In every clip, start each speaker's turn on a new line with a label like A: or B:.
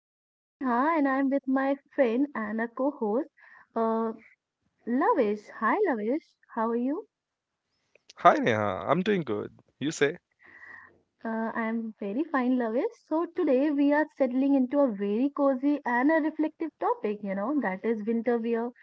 A: I am Neha and I am with my friend and a co host, uh, Lavish. Hi, Lavish. How are you?
B: Hi Neha, I'm doing good. You say?
A: I am very fine, Lavesh. So today we are settling into a very cozy and a reflective topic, you know, that is winter wear.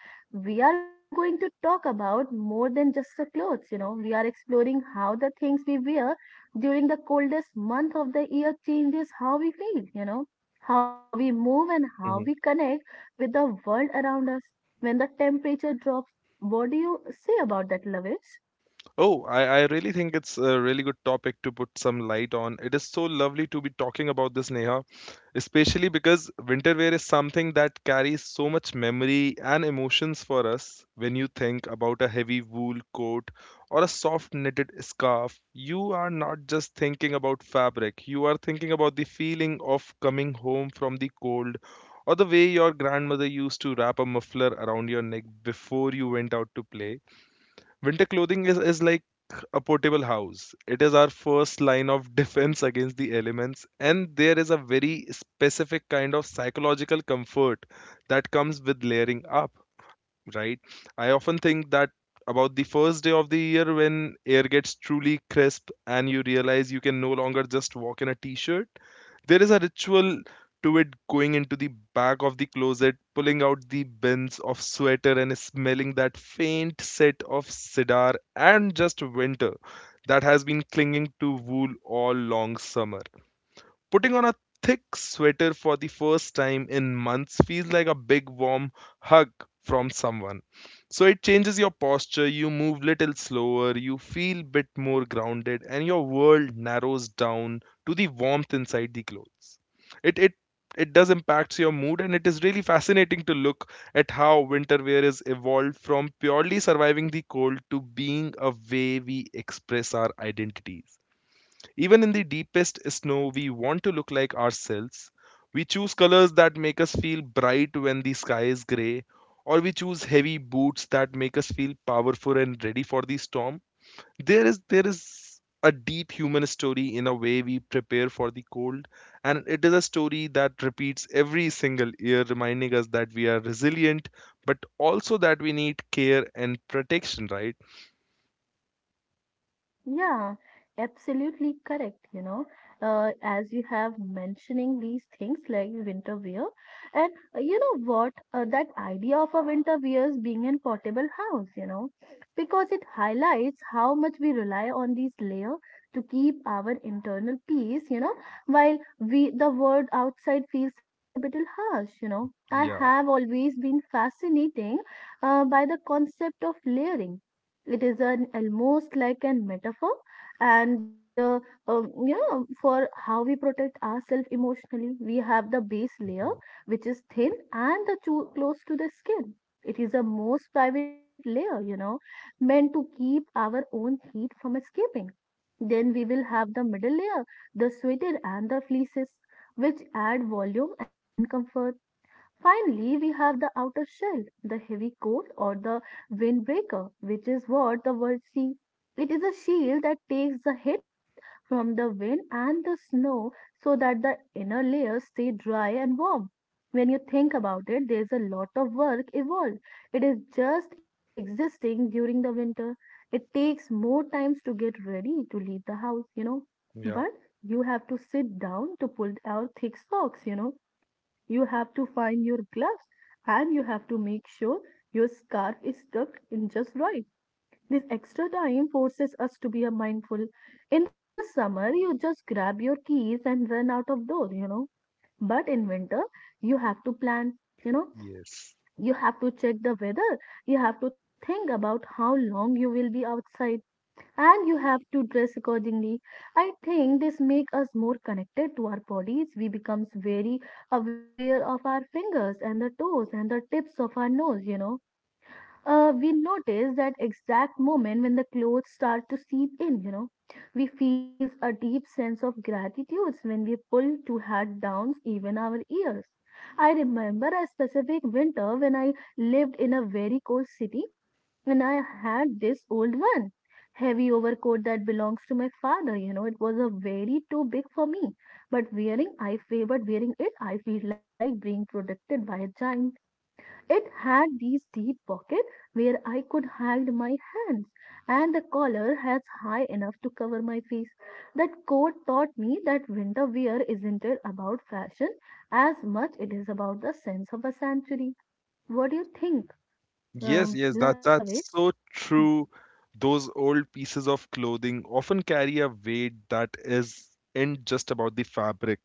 A: We are going to talk about more than just the clothes, you know. We are exploring how the things we wear during the coldest month of the year changes how we feel, you know, how we move and how
B: Mhm.
A: we connect with the world around us. When the temperature drops, what do you say about that, Lavesh?
B: Oh, I really think it's a really good topic to put some light on. It is so lovely to be talking about this, Neha, especially because winter wear is something that carries so much memory and emotions for us. When you think about a heavy wool coat or a soft knitted scarf, you are not just thinking about fabric, you are thinking about the feeling of coming home from the cold, or the way your grandmother used to wrap a muffler around your neck before you went out to play. Winter clothing is like a portable house. It is our first line of defense against the elements, and there is a very specific kind of psychological comfort that comes with layering up, right? I often think that about the first day of the year when air gets truly crisp and you realize you can no longer just walk in a t shirt. There is a ritual to it, going into the back of the closet, pulling out the bins of sweater and smelling that faint scent of cedar and just winter that has been clinging to wool all long summer. Putting on a thick sweater for the first time in months feels like a big warm hug from someone. So it changes your posture, you move little slower, you feel bit more grounded, and your world narrows down to the warmth inside the clothes. It it it does impacts your mood, and it is really fascinating to look at how winter wear is evolved from purely surviving the cold to being a way we express our identities. Even in the deepest snow, we want to look like ourselves. We choose colors that make us feel bright when the sky is gray, or we choose heavy boots that make us feel powerful and ready for the storm. There is a deep human story in a way we prepare for the cold, and it is a story that repeats every single year, reminding us that we are resilient, but also that we need care and protection, right?
A: Yeah, absolutely correct. You know, as you have mentioning these things like winter wear, and you know what, that idea of a winter wears being in portable house, you know, because it highlights how much we rely on these layer to keep our internal peace. You know, while we the world outside feels a little harsh. You know, I have
B: Yeah.
A: always been fascinating by the concept of layering. It is an almost like an metaphor and you know for how we protect ourselves emotionally. We have the base layer,
B: Mhm.
A: which is thin and the too close to the skin. It is a most private layer, you know, meant to keep our own heat from escaping. Then we will have the middle layer, the sweater and the fleeces, which add volume and comfort. Finally, we have the outer shell, the heavy coat or the windbreaker, which is what the words see. It is a shield that takes the hit from the wind and the snow so that the inner layers stay dry and warm. When you think about it, there's a lot of work involved. It is just existing during the winter. It takes more times to get ready to leave the house, you know.
B: Yeah.
A: But you have to sit down to pull out thick socks, you know. You have to find your gloves and you have to make sure your scarf is tucked in just right. This extra time forces us to be a mindful. In the summer, you just grab your keys and run out of door, you know. But in winter, you have to plan, you know,
B: Yes.
A: you have to check the weather. You have to think about how long you will be outside and you have to dress accordingly. I think this makes us more connected to our bodies. We becomes very aware of our fingers and the toes and the tips of our nose, you know. We notice that exact moment when the clothes start to seep in, you know. We feel a deep sense of gratitude when we pull two hat down even our ears. I remember a specific winter when I lived in a very cold city and I had this old one. Heavy overcoat that belongs to my father, you know, it was a very too big for me. But wearing I feel but wearing it I feel like being protected by a giant. It had these deep pockets where I could hide my hands, and the collar has high enough to cover my face. That coat taught me that winter wear isn't it about fashion as much it is about the sense of a century. What do you think,
B: Yes, yes, that
A: Lavish?
B: that's so true. Those old pieces of clothing often carry a weight that is in just about the fabric.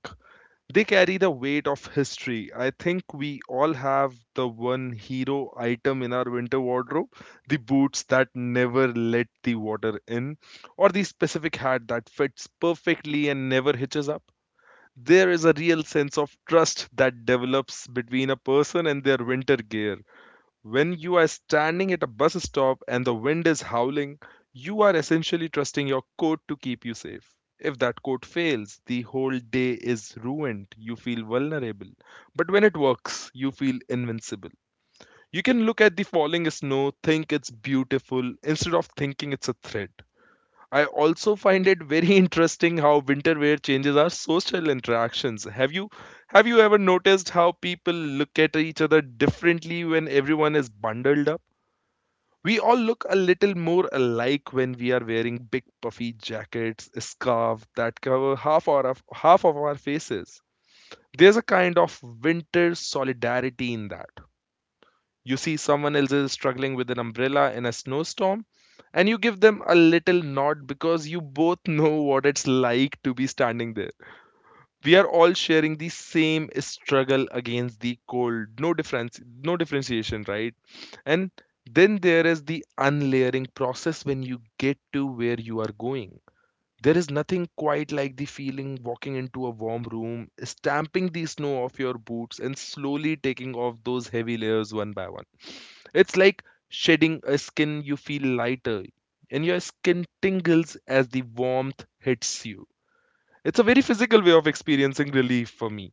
B: They carry the weight of history. I think we all have the one hero item in our winter wardrobe, the boots that never let the water in, or the specific hat that fits perfectly and never hitches up. There is a real sense of trust that develops between a person and their winter gear. When you are standing at a bus stop and the wind is howling, you are essentially trusting your coat to keep you safe. If that coat fails, the whole day is ruined. You feel vulnerable. But when it works, you feel invincible. You can look at the falling snow, think it's beautiful, instead of thinking it's a threat. I also find it very interesting how winter wear changes our social interactions. Have you ever noticed how people look at each other differently when everyone is bundled up? We all look a little more alike when we are wearing big puffy jackets, scarves that cover half of our faces. There's a kind of winter solidarity in that. You see someone else is struggling with an umbrella in a snowstorm, and you give them a little nod because you both know what it's like to be standing there. We are all sharing the same struggle against the cold. No difference, no differentiation, right? And then there is the unlayering process. When you get to where you are going, there is nothing quite like the feeling walking into a warm room, stamping the snow off your boots and slowly taking off those heavy layers one by one. It's like shedding a skin. You feel lighter, and your skin tingles as the warmth hits you. It's a very physical way of experiencing relief for me.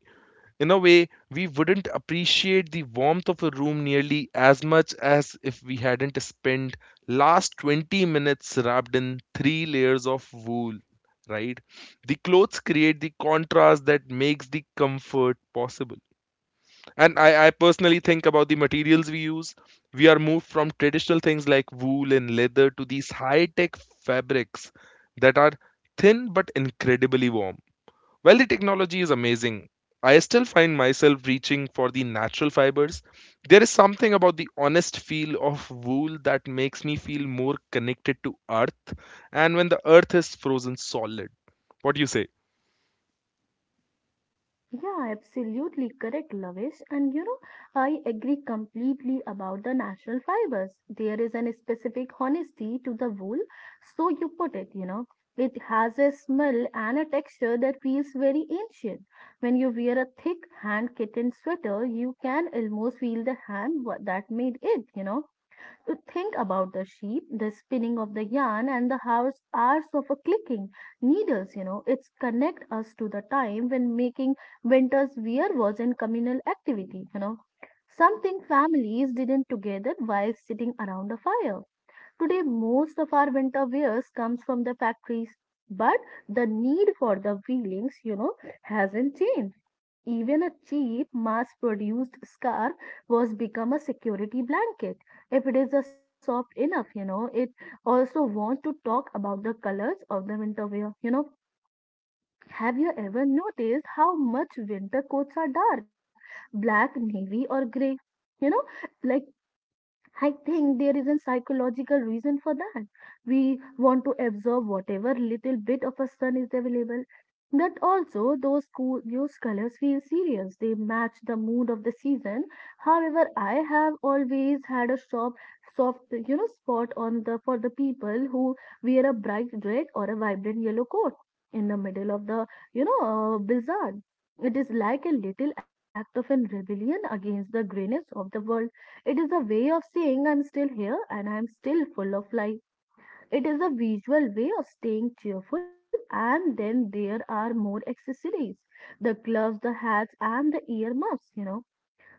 B: In a way, we wouldn't appreciate the warmth of a room nearly as much as if we hadn't spent last 20 minutes wrapped in three layers of wool, right? The clothes create the contrast that makes the comfort possible. And I personally think about the materials we use. We are moved from traditional things like wool and leather to these high tech fabrics that are thin but incredibly warm. While the technology is amazing, I still find myself reaching for the natural fibers. There is something about the honest feel of wool that makes me feel more connected to earth, and when the earth is frozen solid. What do you say?
A: Yeah, absolutely correct, Lavish. And you know, I agree completely about the natural fibers. There is an specific honesty to the wool, so you put it, you know. It has a smell and a texture that feels very ancient. When you wear a thick hand kitten sweater, you can almost feel the that made it, you know. Think about the sheep, the spinning of the yarn, and the hours of a clicking needles. You know, it's connect us to the time when making winter's wear was in communal activity. You know, something families didn't together while sitting around a fire. Today, most of our winter wears comes from the factories, but the need for the feelings, you know, hasn't changed. Even a cheap, mass produced scarf was become a security blanket if it is a soft enough, you know. It also want to talk about the colors of the winter wear, you know. Have you ever noticed how much winter coats are dark, black, navy, or gray? You know, like I think there is a psychological reason for that. We want to absorb whatever little bit of a sun is available. But also, those colors feel serious. They match the mood of the season. However, I have always had a soft, you know, spot on the for the people who wear a bright red or a vibrant yellow coat in the middle of the, you know, blizzard. It is like a little act of an rebellion against the grayness of the world. It is a way of saying I'm still here and I'm still full of life. It is a visual way of staying cheerful, and then there are more accessories: the gloves, the hats, and the earmuffs, you know.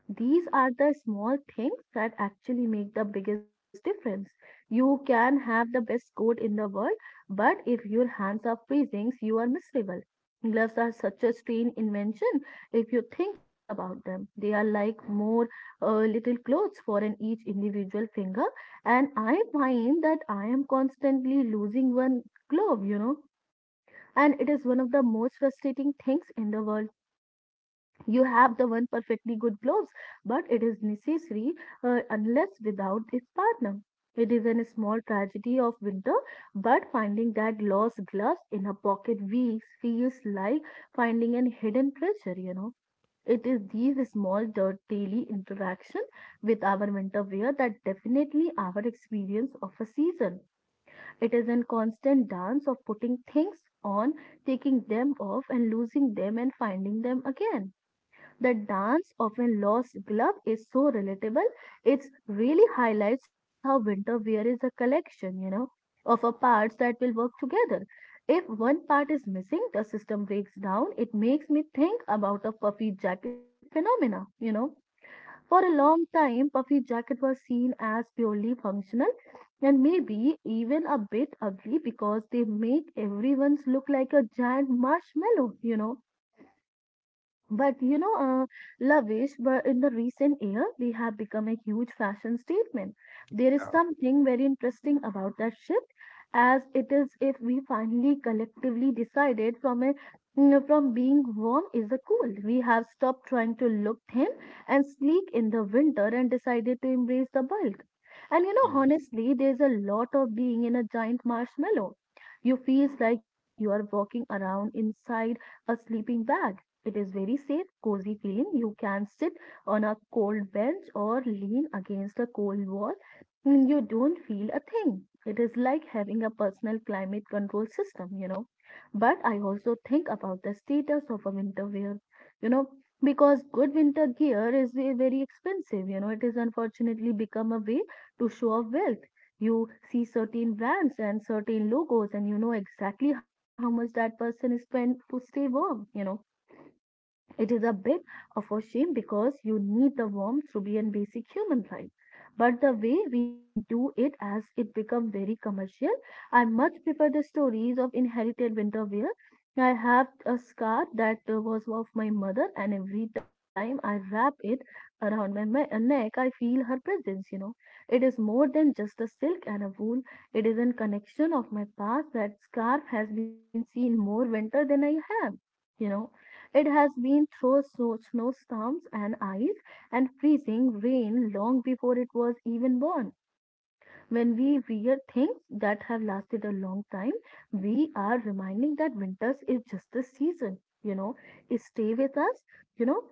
A: These are the small things that actually make the biggest difference. You can have the best coat in the world, but if your hands are freezing, you are miserable. Gloves are such a strange invention if you think about them. They are like more little clothes for an each individual finger, and I find that I am constantly losing one glove, you know. And it is one of the most frustrating things in the world. You have the one perfectly good gloves but it is necessary unless without its partner. It is a small tragedy of winter, but finding that lost glove in a pocket weeks feels like finding a hidden treasure, you know. It is these small daily interaction with our winter wear that definitely our experience of a season. It is a constant dance of putting things on, taking them off and losing them and finding them again. The dance of a lost glove is so relatable. It really highlights how winter wear is a collection, you know, of a parts that will work together. If one part is missing, the system breaks down. It makes me think about a puffy jacket phenomena, you know. For a long time, puffy jacket was seen as purely functional and maybe even a bit ugly because they make everyone's look like a giant marshmallow, you know. But you know, Lavish, but in the recent year, they have become a huge fashion statement. There is something very interesting about that shift, as it is if we finally collectively decided from a you from being warm is a cool. We have stopped trying to look thin and sleek in the winter and decided to embrace the bulk. And you know,
B: Yes.
A: honestly, there's a lot of being in a giant marshmallow. You feels like you are walking around inside a sleeping bag. It is very safe, cozy feeling. You can sit on a cold bench or lean against a cold wall and you don't feel a thing. It is like having a personal climate control system, you know. But I also think about the status of a winter wear, you know, because good winter gear is very expensive, you know. It is unfortunately become a way to show off wealth. You see certain brands and certain logos, and you know exactly how much that person spent to stay warm, you know. It is a bit of a shame because you need the warmth to be a basic human right. But the way we do it as it become very commercial. I much prefer the stories of inherited winter wear. I have a scarf that was of my mother, and every time I wrap it around my neck, I feel her presence. You know, it is more than just a silk and a wool. It is a connection of my past. That scarf has been seen more winter than I have. You know, it has been through snow, snowstorms and ice and freezing rain long before it was even born. When we wear things that have lasted a long time, we are reminding that winters is just a season, you know, stay with us, you know.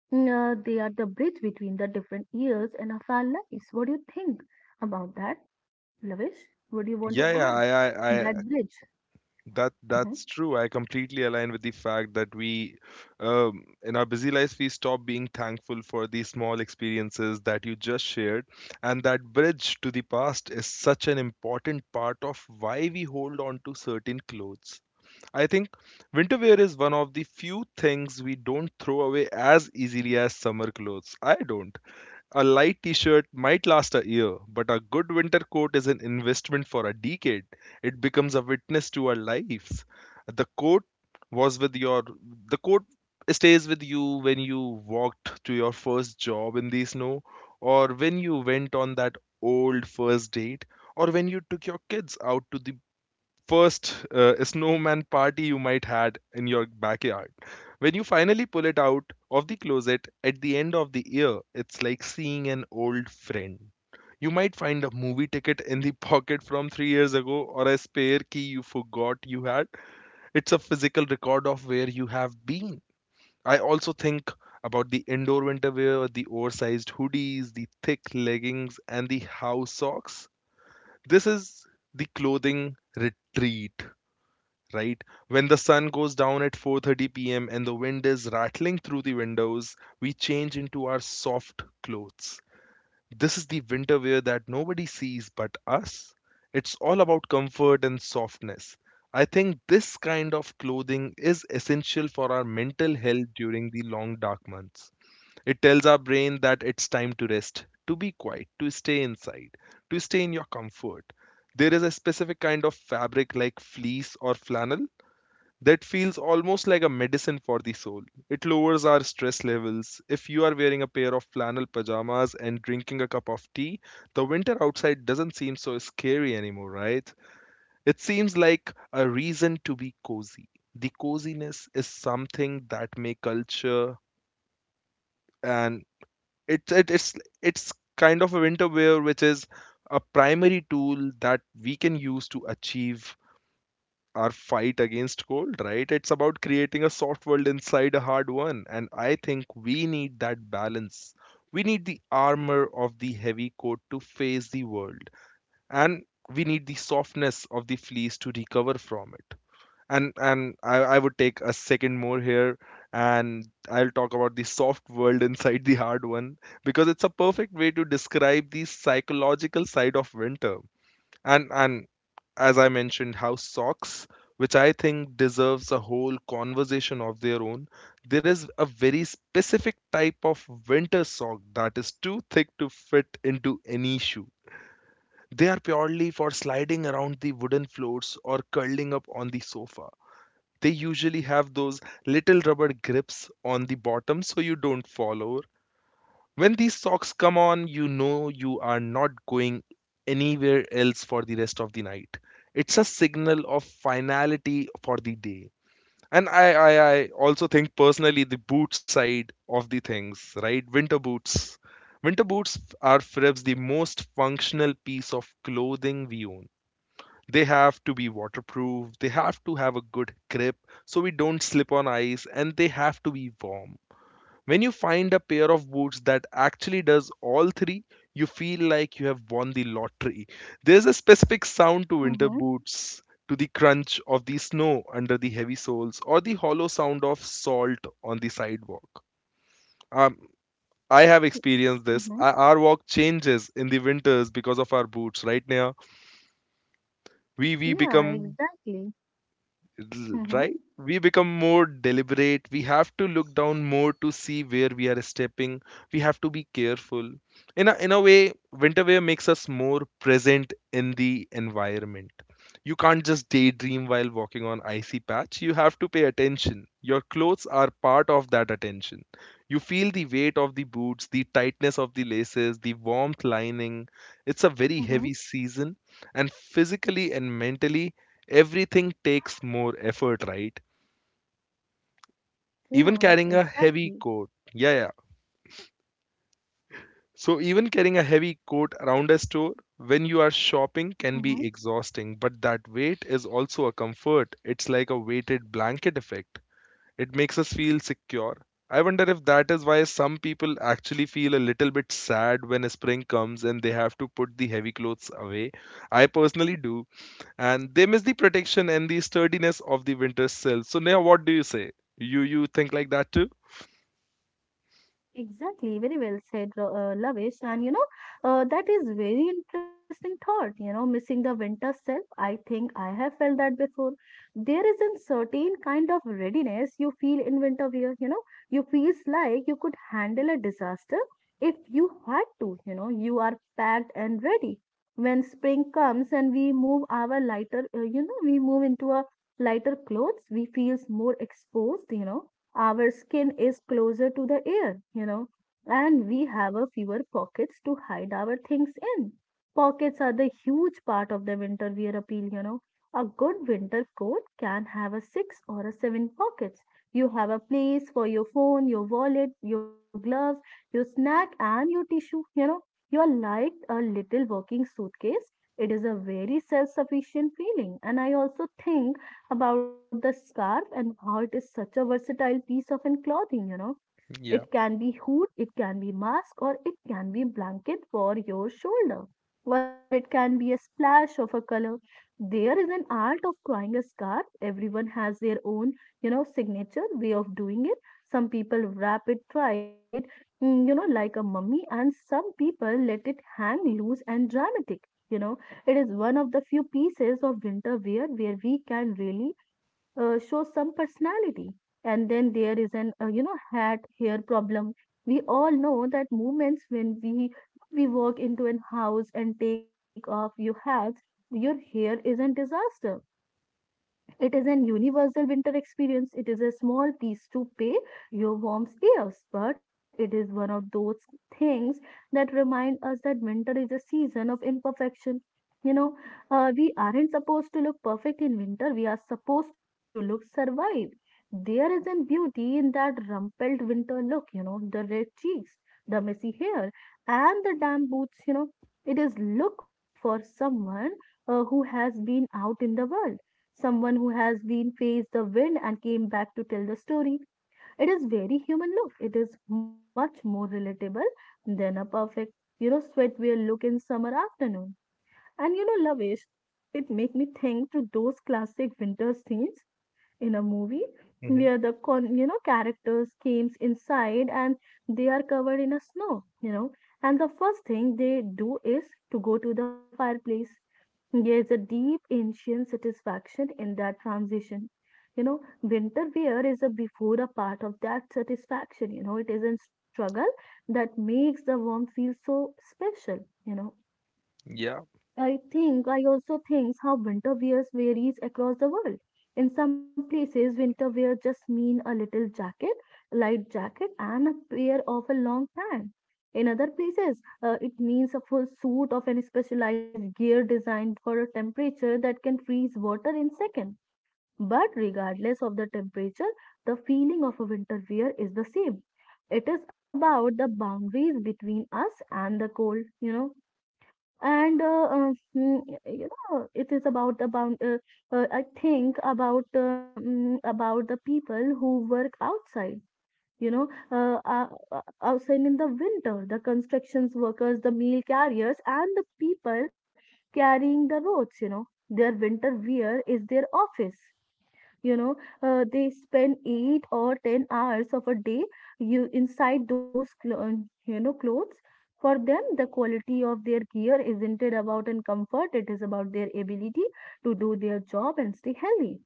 A: They are the bridge between the different years and of our lives. What do you think about that, Lavish? What do you
B: Yeah,
A: want to
B: yeah,
A: add?
B: I
A: That bridge.
B: That
A: Mm-hmm.
B: that's true. I completely align with the fact that we, in our busy lives, we stop being thankful for the small experiences that you just shared, and that bridge to the past is such an important part of why we hold on to certain clothes. I think winter wear is one of the few things we don't throw away as easily as summer clothes. I don't. A light t shirt might last a year, but a good winter coat is an investment for a decade. It becomes a witness to our lives. The coat was with your, the coat stays with you when you walked to your first job in the snow, or when you went on that old first date, or when you took your kids out to the first snowman party you might had in your backyard. When you finally pull it out of the closet at the end of the year, it's like seeing an old friend. You might find a movie ticket in the pocket from 3 years ago, or a spare key you forgot you had. It's a physical record of where you have been. I also think about the indoor winter wear, the oversized hoodies, the thick leggings, and the house socks. This is the clothing retreat, right? When the sun goes down at 4:30 p.m. and the wind is rattling through the windows, we change into our soft clothes. This is the winter wear that nobody sees but us. It's all about comfort and softness. I think this kind of clothing is essential for our mental health during the long dark months. It tells our brain that it's time to rest, to be quiet, to stay inside, to stay in your comfort. There is a specific kind of fabric like fleece or flannel that feels almost like a medicine for the soul. It lowers our stress levels. If you are wearing a pair of flannel pajamas and drinking a cup of tea, the winter outside doesn't seem so scary anymore, right? It seems like a reason to be cozy. The coziness is something that may culture, and it, it it's it's kind of a winter wear which is a primary tool that we can use to achieve our fight against cold, right? It's about creating a soft world inside a hard one. And I think we need that balance. We need the armor of the heavy coat to face the world. And we need the softness of the fleece to recover from it. And I would take a second more here, and I'll talk about the soft world inside the hard one, because it's a perfect way to describe the psychological side of winter. And as I mentioned, how socks, which I think deserves a whole conversation of their own, there is a very specific type of winter sock that is too thick to fit into any shoe. They are purely for sliding around the wooden floors or curling up on the sofa. They usually have those little rubber grips on the bottom so you don't fall over. When these socks come on, you know you are not going anywhere else for the rest of the night. It's a signal of finality for the day. And I also think personally the boot side of the things, right? Winter boots. Winter boots are perhaps the most functional piece of clothing we own. They have to be waterproof, they have to have a good grip so we don't slip on ice, and they have to be warm. When you find a pair of boots that actually does all three, you feel like you have won the lottery. There's a specific sound to winter
A: Mm-hmm.
B: boots, to the crunch of the snow under the heavy soles, or the hollow sound of salt on the sidewalk. Um, I have experienced this.
A: Mm-hmm.
B: Our walk changes in the winters because of our boots, right now. We
A: Yeah,
B: become,
A: exactly. Mhm.
B: right, we become more deliberate. We have to look down more to see where we are stepping. We have to be careful, in a way. Winter wear makes us more present in the environment. You can't just daydream while walking on icy patch. You have to pay attention. Your clothes are part of that attention. You feel the weight of the boots, the tightness of the laces, the warmth lining. It's a very heavy
A: Mhm.
B: season, and physically and mentally everything takes more effort, right? Even
A: Yeah,
B: carrying a heavy
A: exactly.
B: coat. Yeah, yeah. So, even carrying a heavy coat around a store when you are shopping can
A: Mhm.
B: be exhausting, but that weight is also a comfort. It's like a weighted blanket effect. It makes us feel secure. I wonder if that is why some people actually feel a little bit sad when spring comes and they have to put the heavy clothes away. I personally do, and they miss the protection and the sturdiness of the winter silk. So Neha, what do you say? You think like that too?
A: Exactly, very well said, Lavish. And you know, that is very interesting thought. You know, missing the winter self. I think I have felt that before. There is a certain kind of readiness you feel in winter wear. You know, you feels like you could handle a disaster if you had to. You are packed and ready. When spring comes and we move our lighter, we move into a lighter clothes, we feels more exposed. Our skin is closer to the air, and we have a fewer pockets to hide our things in. Pockets are the huge part of the winter wear appeal. A good winter coat can have a six or a seven pockets. You have a place for your phone, your wallet, your gloves, your snack, and your tissue, you know. You are like a little walking suitcase. It is a very self sufficient feeling, and I also think about the scarf and how it is such a versatile piece of an clothing. It
B: Yeah.
A: can be hood, it can be mask, or it can be blanket for your shoulder, or it can be a splash of a color. There is an art of drawing a scarf. Everyone has their own, signature way of doing it. Some people wrap it tight, like a mummy, and some people let it hang loose and dramatic. You know, it is one of the few pieces of winter wear where we can really show some personality. And then there is an hat hair problem. We all know that moments when we walk into an house and take off your hats, your hair is a disaster. It is an universal winter experience. It is a small piece to pay your warm ears, but it is one of those things that remind us that winter is a season of imperfection. You know, we aren't supposed to look perfect in winter. We are supposed to look survive. There is a beauty in that rumpled winter look. The red cheeks, the messy hair, and the damp boots. It is look for someone who has been out in the world, someone who has been faced the wind and came back to tell the story. It is very human look. It is much more relatable than a perfect, sweatwear look in summer afternoon. And, Lavish, it make me think to those classic winter scenes in a movie
B: Hmm.
A: where the con you know characters came inside and they are covered in a snow, and the first thing they do is to go to the fireplace. There is a deep ancient satisfaction in that transition. Winter wear is a before a part of that satisfaction. It is in struggle that makes the warmth feel so special. You know,
B: Yeah.
A: I think I also think how winter wears varies across the world. In some places, winter wear just mean a little jacket, light jacket, and a pair of a long pant. In other places, it means a full suit of an specialized gear designed for a temperature that can freeze water in second. But regardless of the temperature, the feeling of a winter wear is the same. It is about the boundaries between us and the cold. You know and mm, you know It is about. I think about about the people who work outside. you know uh, uh, Outside in the winter, the constructions workers, the meal carriers, and the people carrying the roads. Their winter wear is their office you know uh, they spend 8 or 10 hours of a day you inside those clothes. For them, the quality of their gear isn't it about in comfort, it is about their ability to do their job and stay healthy.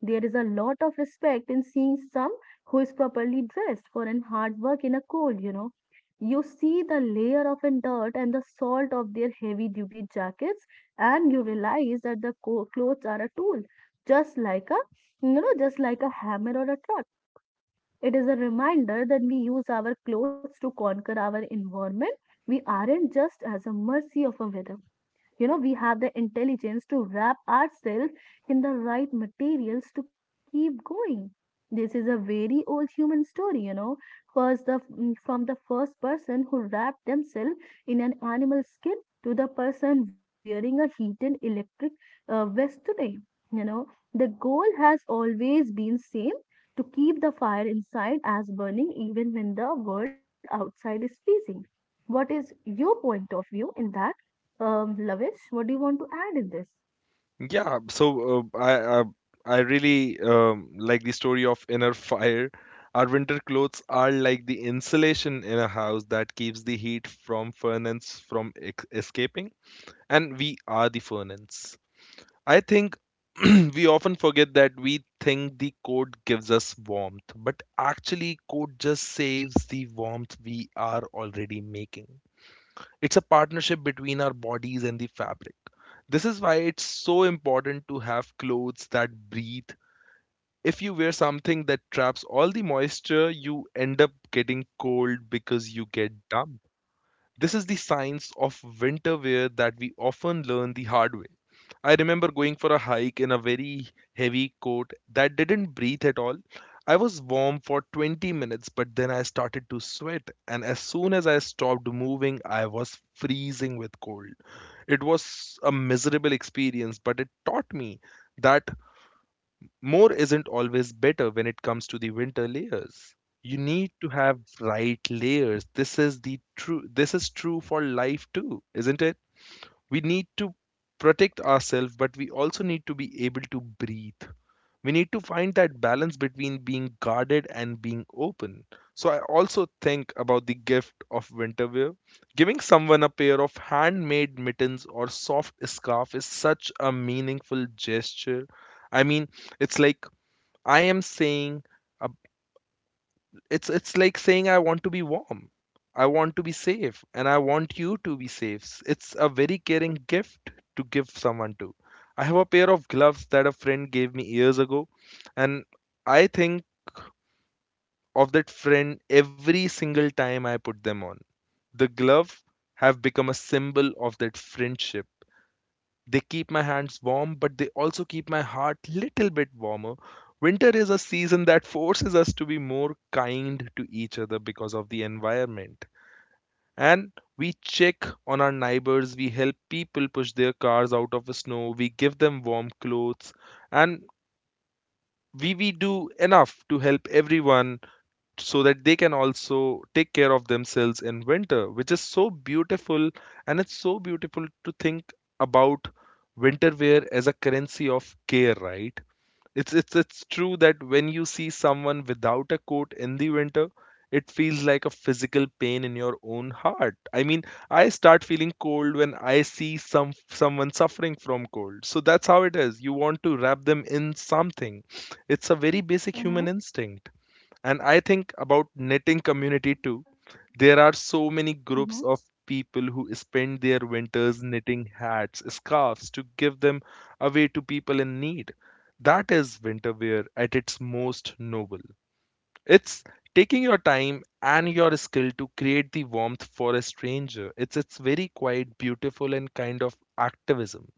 A: There is a lot of respect in seeing some who is properly dressed for an hard work in a cold, you know. You see the layer of an dirt and the salt of their heavy duty jackets, and you realize that the clothes are a tool, just like a hammer or a truck. It is a reminder that we use our clothes to conquer our environment. We aren't just as a mercy of a weather. We have the intelligence to wrap ourselves in the right materials to keep going. This is a very old human story. From the first person who wrapped themselves in an animal skin to the person wearing a heated electric vest today. you know the goal has always been same to keep the fire inside as burning even when the world outside is freezing. What is your point of view in that, Lavish? What do you want to add in this?
B: Yeah. So I really like the story of inner fire. Our winter clothes are like the insulation in a house that keeps the heat from furnace from escaping, and we are the furnace. I think we often forget that. We think the code gives us warmth, but actually, code just saves the warmth we are already making. It's a partnership between our bodies and the fabric. This is why it's so important to have clothes that breathe. If you wear something that traps all the moisture, you end up getting cold because you get damp. This is the science of winter wear that we often learn the hard way. I remember going for a hike in a very heavy coat that didn't breathe at all. I was warm for 20 minutes, but then I started to sweat, and as soon as I stopped moving, I was freezing with cold. It was a miserable experience, but it taught me that more isn't always better when it comes to the winter layers. You need to have right layers. This is true for life too, isn't it? We need to protect ourselves, but we also need to be able to breathe. We need to find that balance between being guarded and being open. So I also think about the gift of winter wear. Giving someone a pair of handmade mittens or soft scarf is such a meaningful gesture. I mean, it's like I am saying, uh, it's like saying I want to be warm. I want to be safe and I want you to be safe. It's a very caring gift to give someone to. I have a pair of gloves that a friend gave me years ago, and I think of that friend every single time I put them on. The glove have become a symbol of that friendship. They keep my hands warm, but they also keep my heart little bit warmer. Winter is a season that forces us to be more kind to each other because of the environment. And we check on our neighbors, we help people push their cars out of the snow, we give them warm clothes, and we do enough to help everyone so that they can also take care of themselves in winter, which is so beautiful. And it's so beautiful to think about winter wear as a currency of care, right? It's true that when you see someone without a coat in the winter, it feels like a physical pain in your own heart. I mean, I start feeling cold when I see someone suffering from cold. So that's how it is. You want to wrap them in something. It's a very basic human
A: Mm-hmm.
B: instinct. And I think about knitting community too. There are so many groups
A: Mm-hmm.
B: of people who spend their winters knitting hats scarves to give them away to people in need. That is winter wear at its most noble. It's taking your time and your skill to create the warmth for a stranger. It's very quite beautiful and kind of activism.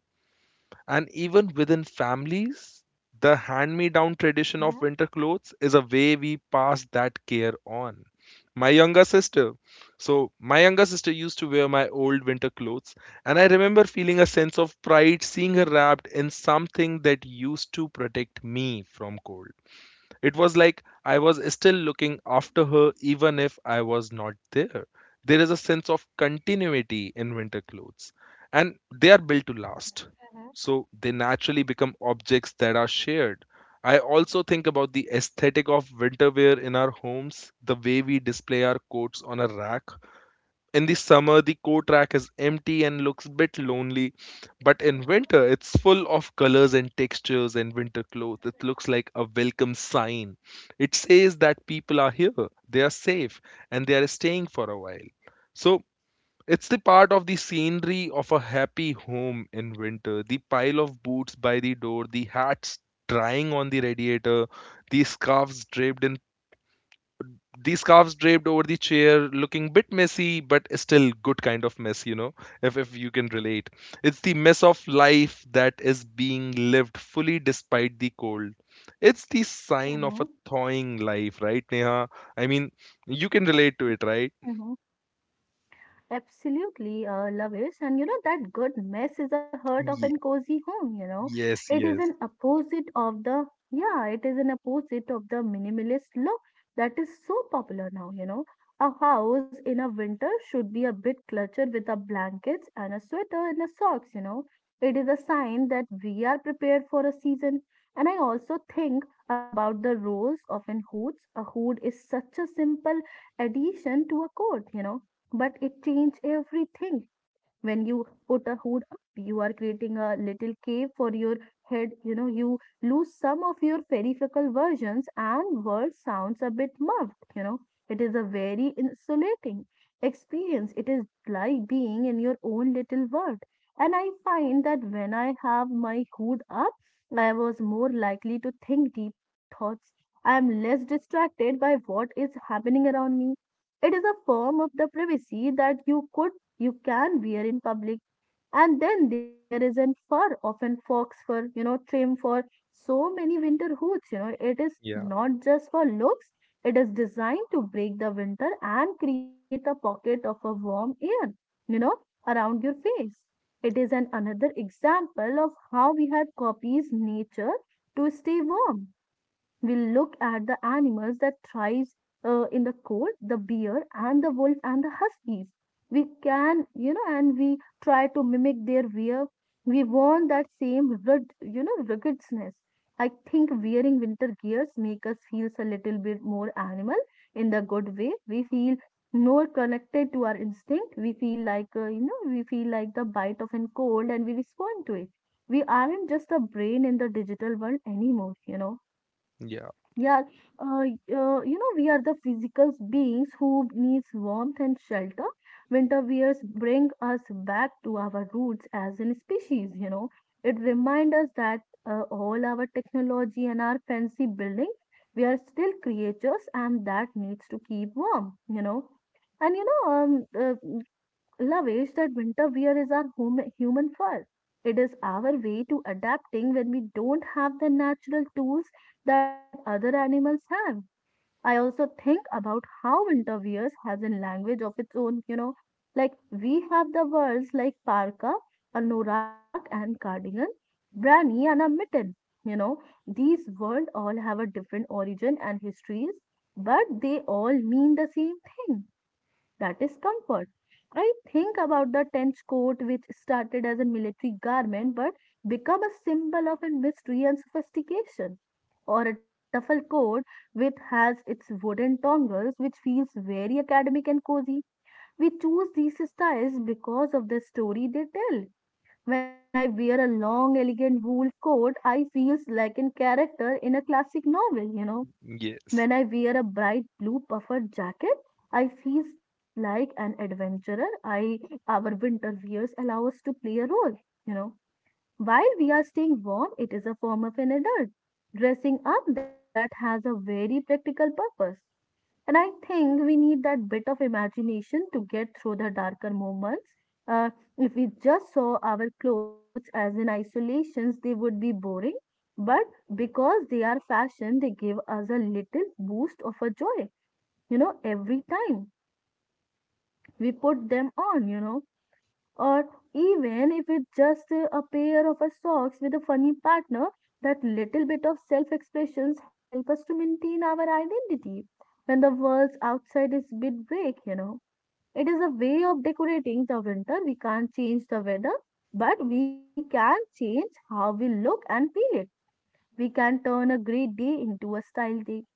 B: And even within families, the hand me down tradition of
A: Mm-hmm.
B: winter clothes is a way we pass that care on. My younger sister, so my younger sister used to wear my old winter clothes, and I remember feeling a sense of pride seeing her wrapped in something that used to protect me from cold. It was like I was still looking after her even if I was not there. There is a sense of continuity in winter clothes, and they are built to last. So they naturally become objects that are shared. I also think about the aesthetic of winter wear in our homes, the way we display our coats on a rack. In the summer, the core track is empty and looks a bit lonely, but in winter, it's full of colors and textures and winter clothes. It looks like a welcome sign. It says that people are here, they are safe, and they are staying for a while. So, it's the part of the scenery of a happy home in winter. The pile of boots by the door, the hats drying on the radiator, the scarves draped in the scarves draped over the chair, looking bit messy but still good kind of mess, you know, if you can relate. It's the mess of life that is being lived fully despite the cold. It's the sign of a
A: Mm-hmm.
B: thawing life, right Neha? I mean, you can relate to it, right?
A: Mm-hmm. Absolutely, Lavis. That good mess is the heart of
B: Ye-
A: an cozy home.
B: yes,
A: It is
B: yes.
A: an opposite of the, Yeah, it is an opposite of the minimalist look that is so popular now. A house in a winter should be a bit cluttered with a blankets and a sweater and a socks. It is a sign that we are prepared for a season. And I also think about the roles of an hoods. A hood is such a simple addition to a coat, but it changed everything. When you put a hood up, you are creating a little cave for your head. You lose some of your verifical versions and word sounds a bit muffled. It is a very insulating experience. It is like being in your own little world, and I find that when I have my hood up, I was more likely to think deep thoughts. I am less distracted by what is happening around me. It is a form of the privacy that you can wear in public. And then there is an fur, often fox fur, trim for so many winter hoods. It is
B: Yeah,
A: not just for looks, it is designed to break the winter and create a pocket of a warm air, you know, around your face. It is an another example of how we have copies nature to stay warm. We look at the animals that thrives in the cold, the bear and the wolf and the huskies. We can, you know, and we try to mimic their wear. We want that same rigid, rigidness. I think wearing winter gears make us feel a little bit more animal in the good way. We feel more connected to our instinct. We feel like, the bite of an cold and we respond to it. We aren't just a brain in the digital world anymore.
B: yeah,
A: Yeah, we are the physical beings who needs warmth and shelter. Winter wears bring us back to our roots as an species. It reminds us that all our technology and our fancy building, we are still creatures and that needs to keep warm. And you know, um, uh, Lavesh, that winter wear is our human fur. It is our way to adapting when we don't have the natural tools that other animals have. I also think about how interviewers has a language of its own, like we have the words like parka, anorak and cardigan, brani and a mitten. You know, these words all have a different origin and histories, but they all mean the same thing. That is comfort. I think about the trench coat which started as a military garment but become a symbol of a mystery and sophistication, or a duffel coat with has its wooden dongles, which feels very academic and cozy. We choose these styles because of the story they tell. When I wear a long, elegant wool coat, I feels like a character in a classic novel.
B: yes,
A: When I wear a bright blue puffer jacket, I feels like an adventurer. I our winter wears allow us to play a role, you know. While we are staying warm, it is a form of an adult dressing up that has a very practical purpose. And I think we need that bit of imagination to get through the darker moments. Uh, if we just saw our clothes as in isolations, they would be boring. But because they are fashion, they give us a little boost of a joy, every time we put them on, or even if it's just a pair of our socks with a funny partner, that little bit of self expressions help us to maintain our identity when the world outside is bit break. It is a way of decorating the winter. We can't change the weather, but we can change how we look and feel it. We can turn a great day into a style day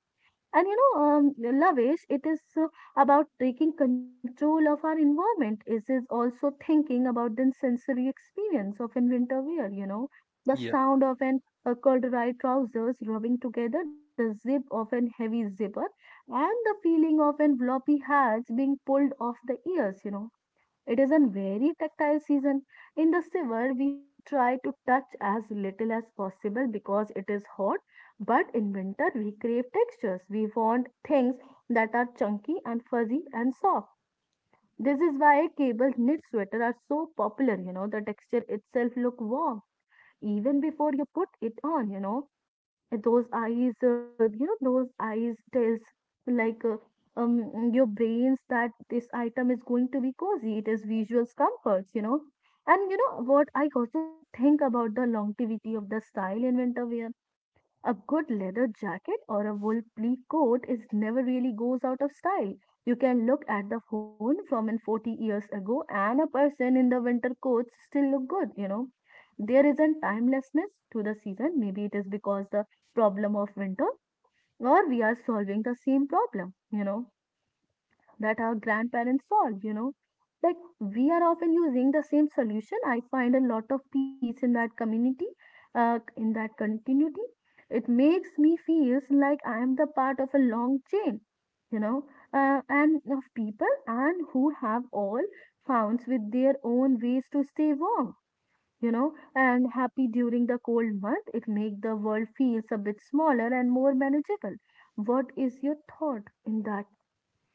A: and Lavesh, it is about taking control of our environment. It is also thinking about the sensory experience of in winter wear, you know, the
B: yeah.
A: sound of an corduroy trousers rubbing together, the zip of an heavy zipper, and the feeling of an floppy hats being pulled off the ears, you know it is a very tactile season. In the summer, we try to touch as little as possible because it is hot, but in winter, we crave textures. We want things that are chunky and fuzzy and soft. This is why cable knit sweaters are so popular, you know, the texture itself look warm even before you put it on, you know those eyes you know those eyes tells like your brains that this item is going to be cozy, it is visual comforts, you know. And you know what, I also think about the longevity of the style in winter wear. A good leather jacket or a wool pleat coat is never really goes out of style. You can look at the phone from in 40 years ago and a person in the winter coats still look good, you know. There isn't timelessness to the season. Maybe it is because the problem of winter or we are solving the same problem, you know, that our grandparents solved, you know. Like we are often using the same solution. I find a lot of peace in that community, in that continuity. It makes me feel like I am the part of a long chain, you know, and of people and who have all found with their own ways to stay warm, you know, and happy during the cold month. It makes the world feels a bit smaller and more manageable. What is your thought in that,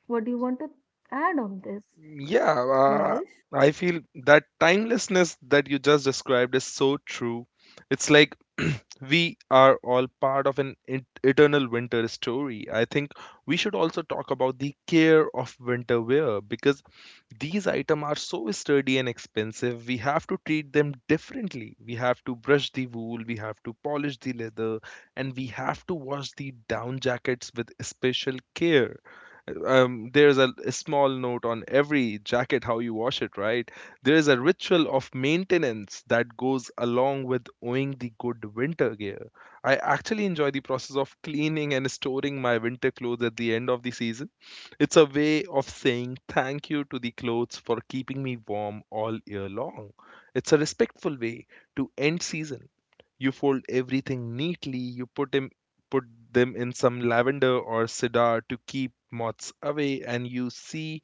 A: what do you want to add on this,
B: Yeah,
A: Lavish?
B: I feel that timelessness that you just described is so true. It's like we are all part of an eternal winter story. I think we should also talk about the care of winter wear because these items are so sturdy and expensive. We have to treat them differently. We have to brush the wool, we have to polish the leather, and we have to wash the down jackets with special care. There's a small note on every jacket how you wash it, right? There is a ritual of maintenance that goes along with owning the good winter gear. I actually enjoy the process of cleaning and storing my winter clothes at the end of the season. It's a way of saying thank you to the clothes for keeping me warm all year long. It's a respectful way to end season. You fold everything neatly, you put them in some lavender or cedar to keep moths away, and you see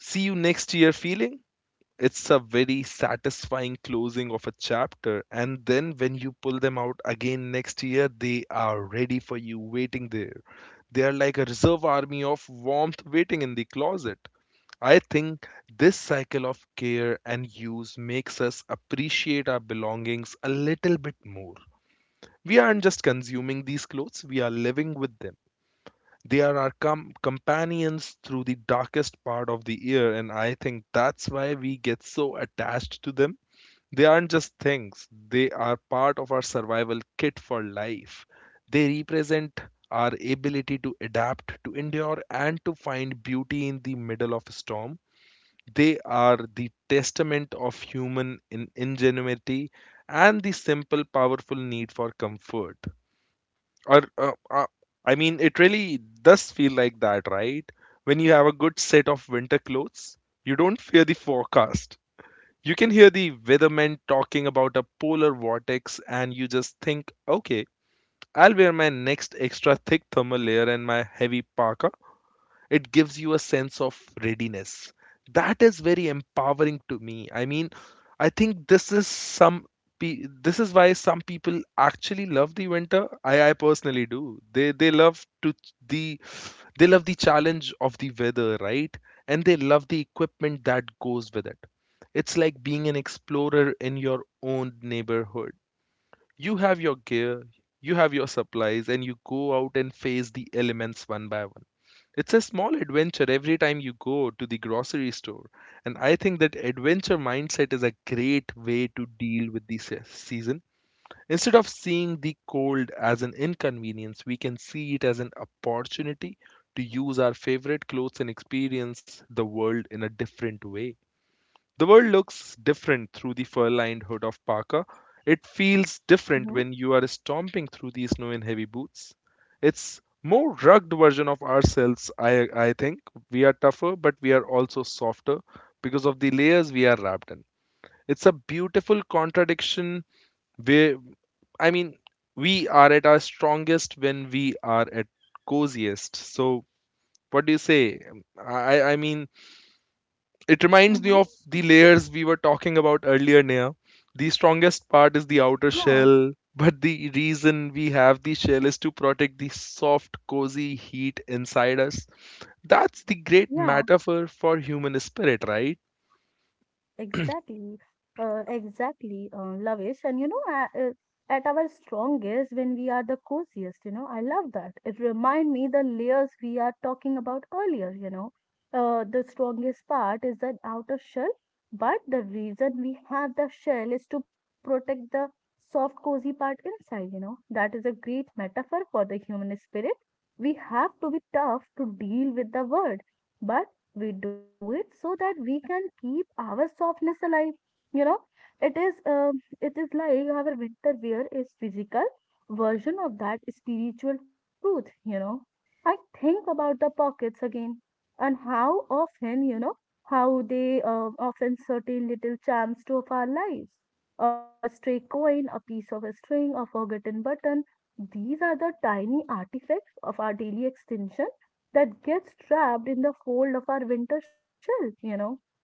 B: see you next year feeling. It's a very satisfying closing of a chapter, and then when you pull them out again next year, they are ready for you, waiting there. They are like a reserve army of warmth waiting in the closet. I think this cycle of care and use makes us appreciate our belongings a little bit more. We aren't just consuming these clothes, we are living with them. They are our companions through the darkest part of the year, and I think that's why we get so attached to them. They aren't just things, they are part of our survival kit for life. They represent our ability to adapt, to endure, and to find beauty in the middle of a storm. They are the testament of human ingenuity and the simple, powerful need for comfort. Or I mean, it really does feel like that, right? When you have a good set of winter clothes, you don't fear the forecast. You can hear the weatherman talking about a polar vortex and you just think, okay, I'll wear my next extra thick thermal layer and my heavy parka. It gives you a sense of readiness that is very empowering to me. I mean, I think this is this is why some people actually love the winter. I personally do. They they love to ch- the they love the challenge of the weather, right? And they love the equipment that goes with it. It's like being an explorer in your own neighborhood. You have your gear, you have your supplies, and you go out and face the elements one by one. It's a small adventure every time you go to the grocery store. And I think that adventure mindset is a great way to deal with the season. Instead of seeing the cold as an inconvenience, we can see it as an opportunity to use our favorite clothes and experience the world in a different way. The world looks different through the fur lined hood of Parker. It feels different
A: Mm-hmm.
B: when you are stomping through these snow in heavy boots. It's more rugged version of ourselves, I think. We are tougher, but we are also softer because of the layers we are wrapped in. It's a beautiful contradiction where, I mean, we are at our strongest when we are at coziest. So, what do you say? I, I mean, it reminds
A: Mm-hmm.
B: me of the layers we were talking about earlier, Neha. The strongest part is the outer
A: Yeah,
B: shell, but the reason we have the shell is to protect the soft, cozy heat inside us. That's the great
A: yeah.
B: metaphor for human spirit, right?
A: Exactly, exactly, Lavish. And you know, at our strongest when we are the coziest, you know, I love that. It remind me the layers we are talking about earlier, you know. The strongest part is that outer shell, but the reason we have the shell is to protect the soft, cozy part inside, you know. That is a great metaphor for the human spirit. We have to be tough to deal with the world, but we do it so that we can keep our softness alive, you know. It is it is like our winter wear is physical version of that spiritual truth, you know. I think about the pockets again and how often, you know, how they often certain little charms to of our lives, a stray coin, a piece of a string, a forgotten button. These are the tiny artifacts of our daily extension that gets trapped in the fold of our winter shell, you know.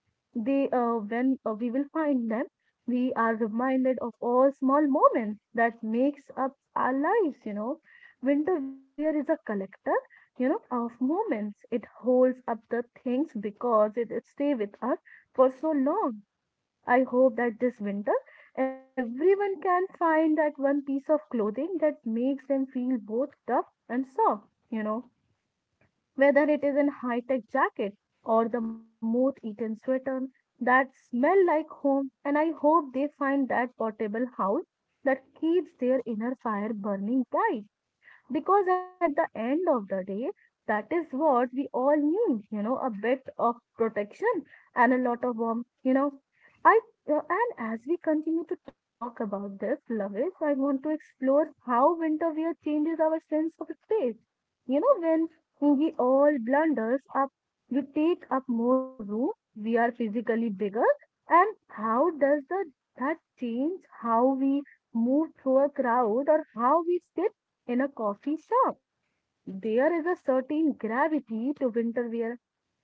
A: They when we will find them, we are reminded of all small moments that makes up our lives, you know. Winter wear is a collector, you know, of moments. It holds up the things because it stay with us for so long. I hope that this winter everyone can find that one piece of clothing that makes them feel both tough and soft, you know, whether it is in high-tech jacket or the moth-eaten sweater that smell like home. And I hope they find that portable house that keeps their inner fire burning bright, because at the end of the day, that is what we all need, you know, a bit of protection and a lot of warmth, you know. I And as we continue to talk about this, Lavis, I want to explore how winter wear changes our sense of space. You know, when we all blunders up, we take up more room, we are physically bigger, and how does that change how we move through a crowd or how we stay in a coffee shop. There is a certain gravity to winter wear,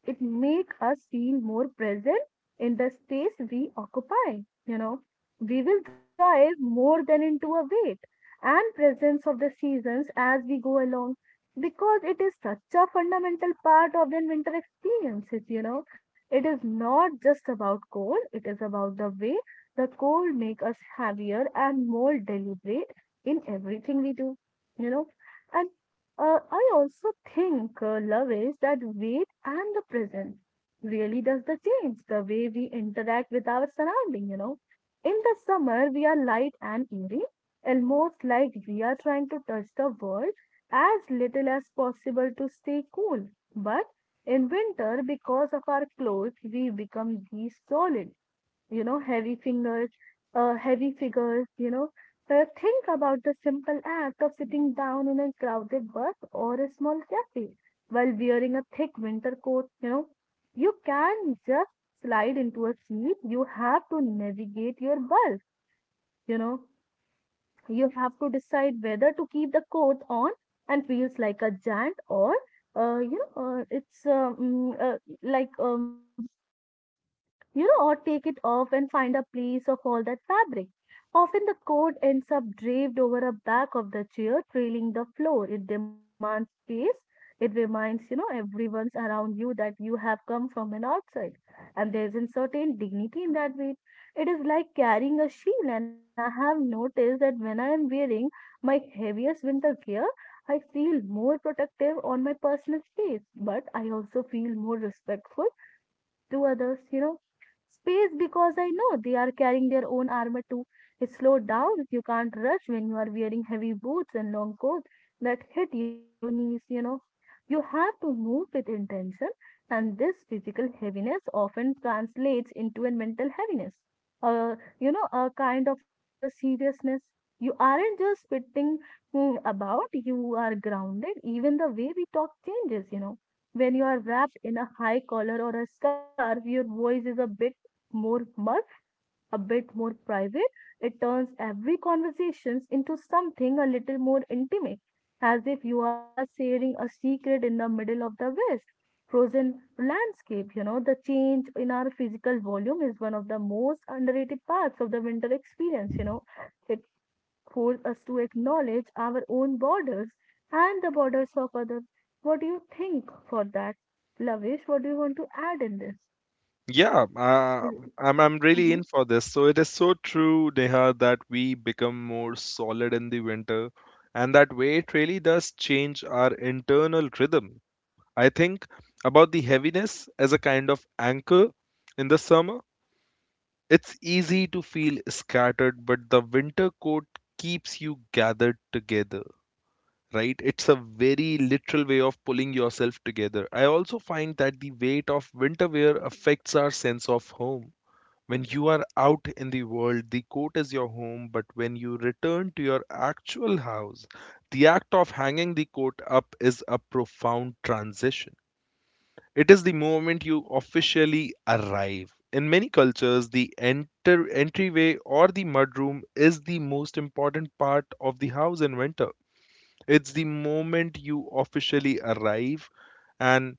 A: it make us feel more present in the space we occupy, you know. We will drive more than into a weight and presence of the seasons as we go along, because it is such a fundamental part of the winter experiences, you know. It is not just about cold, it is about the way the cold make us heavier and more deliberate in everything we do, you know. And I also think, love, is that weight and the present really does the change the way we interact with our surrounding, you know. In the summer, we are light and airy, almost like we are trying to touch the world as little as possible to stay cool. But in winter, because of our clothes, we become these solid, you know, heavy fingers, heavy figures, you know. Think about the simple act of sitting down in a crowded bus or a small cafe while wearing a thick winter coat, you know. You can just slide into a seat. You have to navigate your bulk, you know. You have to decide whether to keep the coat on and feels like a giant or you know, it's mm, like you know, or take it off and find a place of all that fabric. Often the coat ends up draped over the back of the chair, trailing the floor. It demands space. It reminds, you know, everyone's around you that you have come from an outside. And there is a certain dignity in that weight. It is like carrying a shield. And I have noticed that when I am wearing my heaviest winter gear, I feel more protective on my personal space, but I also feel more respectful to others, you know. Space, because I know they are carrying their own armor too. Slow down. You can't rush when you are wearing heavy boots and long coats that hit your knees, you know. You have to move with intention, and this physical heaviness often translates into a mental heaviness. You know, a kind of a seriousness. You aren't just spitting about, you are grounded. Even the way we talk changes, you know, when you are wrapped in a high collar or a scarf, your voice is a bit more muff, a bit more private. It turns every conversations into something a little more intimate, as if you are sharing a secret in the middle of the West frozen landscape. You know, the change in our physical volume is one of the most underrated parts of the winter experience. You know, it forces us to acknowledge our own borders and the borders of others. What do you think for that, Lavish? What do you want to add in this?
B: Yeah, I'm really
A: Mhm.
B: in for this. So it is so true, Neha, that we become more solid in the winter, and that way it really does change our internal rhythm. I think about the heaviness as a kind of anchor in the summer. It's easy to feel scattered, but the winter coat keeps you gathered together, right? It's a very literal way of pulling yourself together. I also find that the weight of winter wear affects our sense of home. When you are out in the world, the coat is your home, but when you return to your actual house, the act of hanging the coat up is a profound transition. It is the moment you officially arrive. In many cultures, the enter entryway or the mudroom is the most important part of the house in winter. It's the moment you officially arrive, and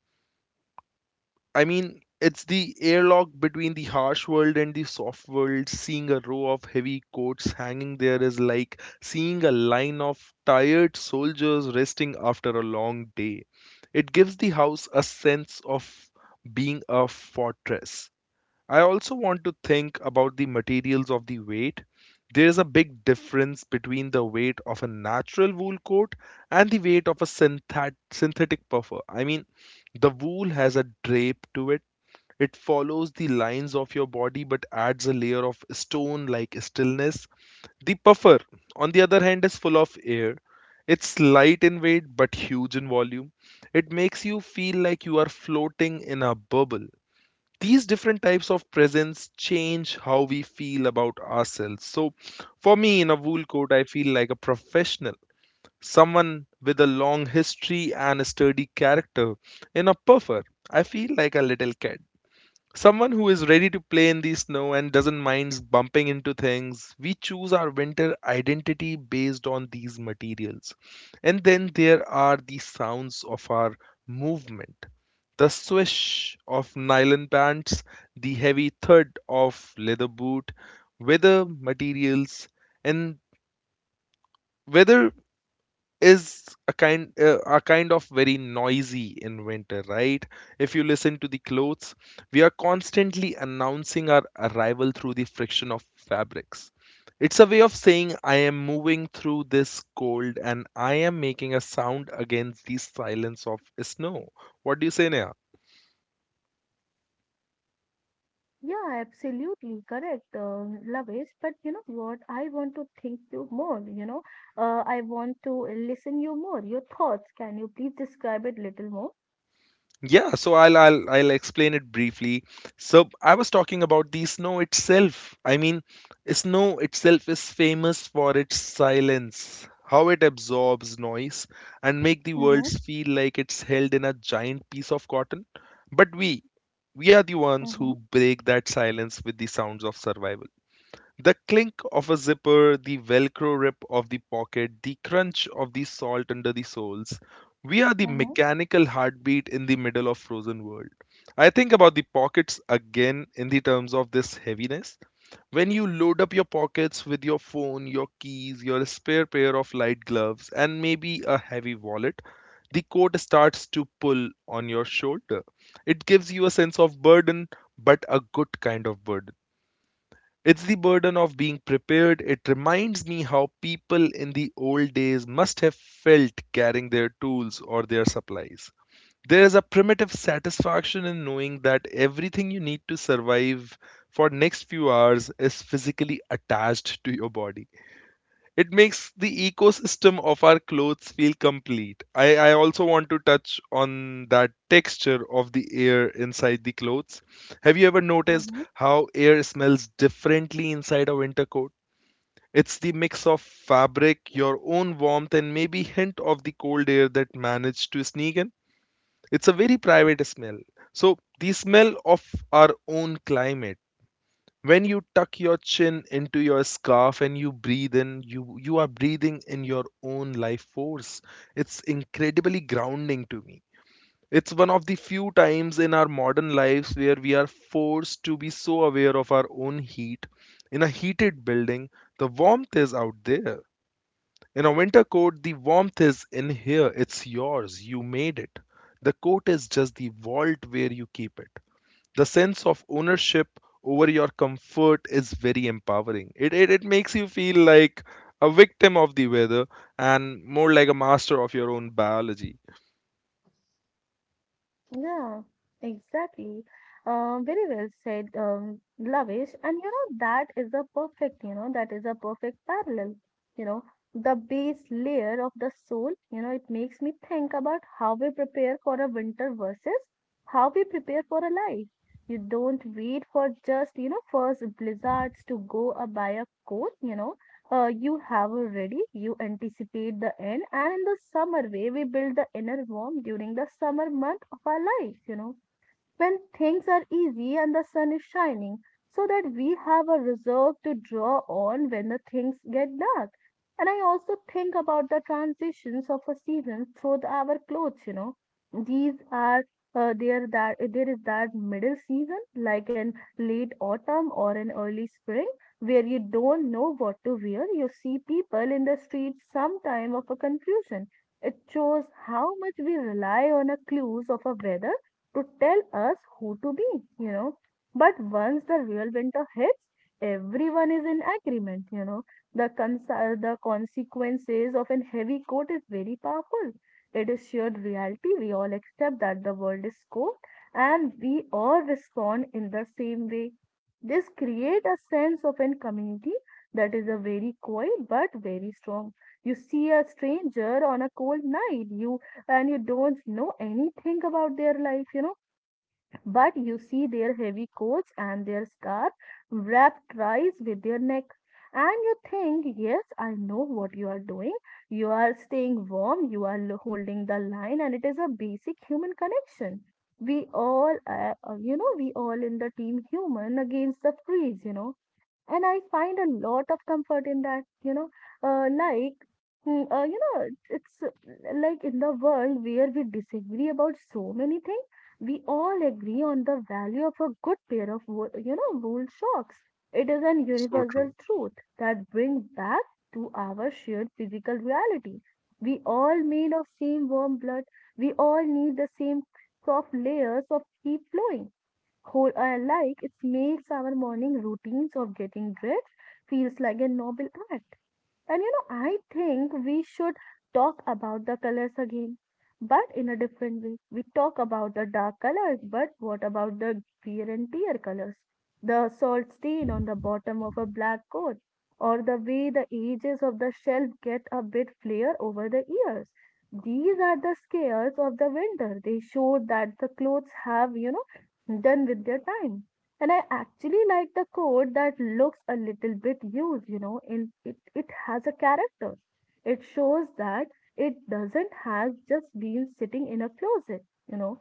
B: I mean, it's the airlock between the harsh world and the soft world. Seeing a row of heavy coats hanging there is like seeing a line of tired soldiers resting after a long day. It gives the house a sense of being a fortress. I also want to think about the materials of the weight. There is a big difference between the weight of a natural wool coat and the weight of a synthetic puffer. I mean, the wool has a drape to it. It follows the lines of your body but adds a layer of stone like stillness. The puffer, on the other hand, is full of air. It's light in weight but huge in volume. It makes you feel like you are floating in a bubble. These different types of presents change how we feel about ourselves. So, for me, in a wool coat, I feel like a professional, someone with a long history and a sturdy character. In a puffer, I feel like a little kid, someone who is ready to play in the snow and doesn't mind bumping into things. We choose our winter identity based on these materials. And then there are the sounds of our movement, the swish of nylon pants, the heavy thud of leather boot, weather materials, and whether is a kind of very noisy in winter, right? If you listen to the clothes, we are constantly announcing our arrival through the friction of fabrics. It's a way of saying I am moving through this cold and I am making a sound against the silence of snow. What do you say, Neha?
A: Yeah, absolutely correct, Lavesh. But you know what? I want to think you more. You know, I want to listen you more. Your thoughts. Can you please describe it little more?
B: Yeah, so I'll explain it briefly. So I was talking about the snow itself. I mean, snow itself is famous for its silence, how it absorbs noise and make the world
A: Mm-hmm,
B: feel like it's held in a giant piece of cotton. But we are the ones
A: mm-hmm,
B: who break that silence with the sounds of survival. The clink of a zipper, the velcro rip of the pocket, the crunch of the salt under the soles. We are the
A: mm-hmm,
B: mechanical heartbeat in the middle of frozen world. I think about the pockets again in the terms of this heaviness. When you load up your pockets with your phone, your keys, your spare pair of light gloves, and maybe a heavy wallet, the coat starts to pull on your shoulder. It gives you a sense of burden, but a good kind of burden. It's the burden of being prepared. It reminds me how people in the old days must have felt carrying their tools or their supplies. There is a primitive satisfaction in knowing that everything you need to survive for next few hours is physically attached to your body. It makes the ecosystem of our clothes feel complete. I also want to touch on that texture of the air inside the clothes. Have you ever noticed
A: mm-hmm.
B: how air smells differently inside a winter coat? It's the mix of fabric, your own warmth, and maybe hint of the cold air that managed to sneak in. It's a very private smell. So the smell of our own climate, when you tuck your chin into your scarf and you breathe in, you are breathing in your own life force. It's incredibly grounding to me. It's one of the few times in our modern lives where we are forced to be so aware of our own heat. In a heated building, the warmth is out there. In a winter coat, the warmth is in here. It's yours, you made it. The coat is just the vault where you keep it. The sense of ownership over your comfort is very empowering. It makes you feel like a victim of the weather and more like a master of your own biology.
A: Yeah, exactly. Very well said, Lavish. And you know, that is a perfect, you know, that is a perfect parallel. You know, the base layer of the soul, you know, it makes me think about how we prepare for a winter versus how we prepare for a life. You don't wait for just, you know, first blizzards to go buy a coat, you know, you have already. You anticipate the end, and in the summer way, we build the inner warmth during the summer month of our life, you know, when things are easy and the sun is shining, so that we have a reserve to draw on when the things get dark. And I also think about the transitions of a season through our clothes, you know. These are there is that middle season, like an late autumn or an early spring, where you don't know what to wear. You see people in the streets sometime of a confusion. It shows how much we rely on a clues of a weather to tell us who to be, you know. But once the real winter hits, everyone is in agreement, you know. The consequences of a heavy coat is very powerful. It is shared reality. We all accept that the world is cold and we all respond in the same way. This creates a sense of a community that is a very quiet but very strong. You see a stranger on a cold night, you and you don't know anything about their life, you know. But you see their heavy coats and their scarf wrapped thrice with their neck. And you think, yes, I know what you are doing. You are staying warm, you are holding the line, and it is a basic human connection. We all, we all in the team human against the freeze, you know, and I find a lot of comfort in that, you know, like, mm, you know, it's like in the world where we disagree about so many things, we all agree on the value of a good pair of, wool socks. It is an
B: So
A: universal
B: true.
A: truth that brings back to our shared physical reality. We all made of same warm blood. We all need the same soft layers of keep flowing whole like it makes our morning routines of getting dressed feels like a noble act, and you know, I think we should talk about the colors again, but in a different way. We talk about the dark colors, but what about the wear and tear colors? The salt stain on the bottom of a black coat, or the way the edges of the shelf get a bit flare over the ears. These are the scares of the winter. They show that the clothes have, you know, done with their time. And I actually like the coat that looks a little bit used, in it, it has a character. It shows that it doesn't has just been sitting in a closet, you know.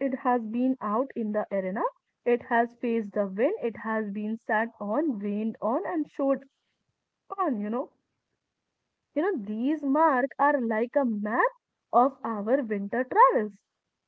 A: It has been out in the arena, it has faced the wind, it has been sat on, rained on and showed on, you know. You know, these marks are like a map of our winter travels.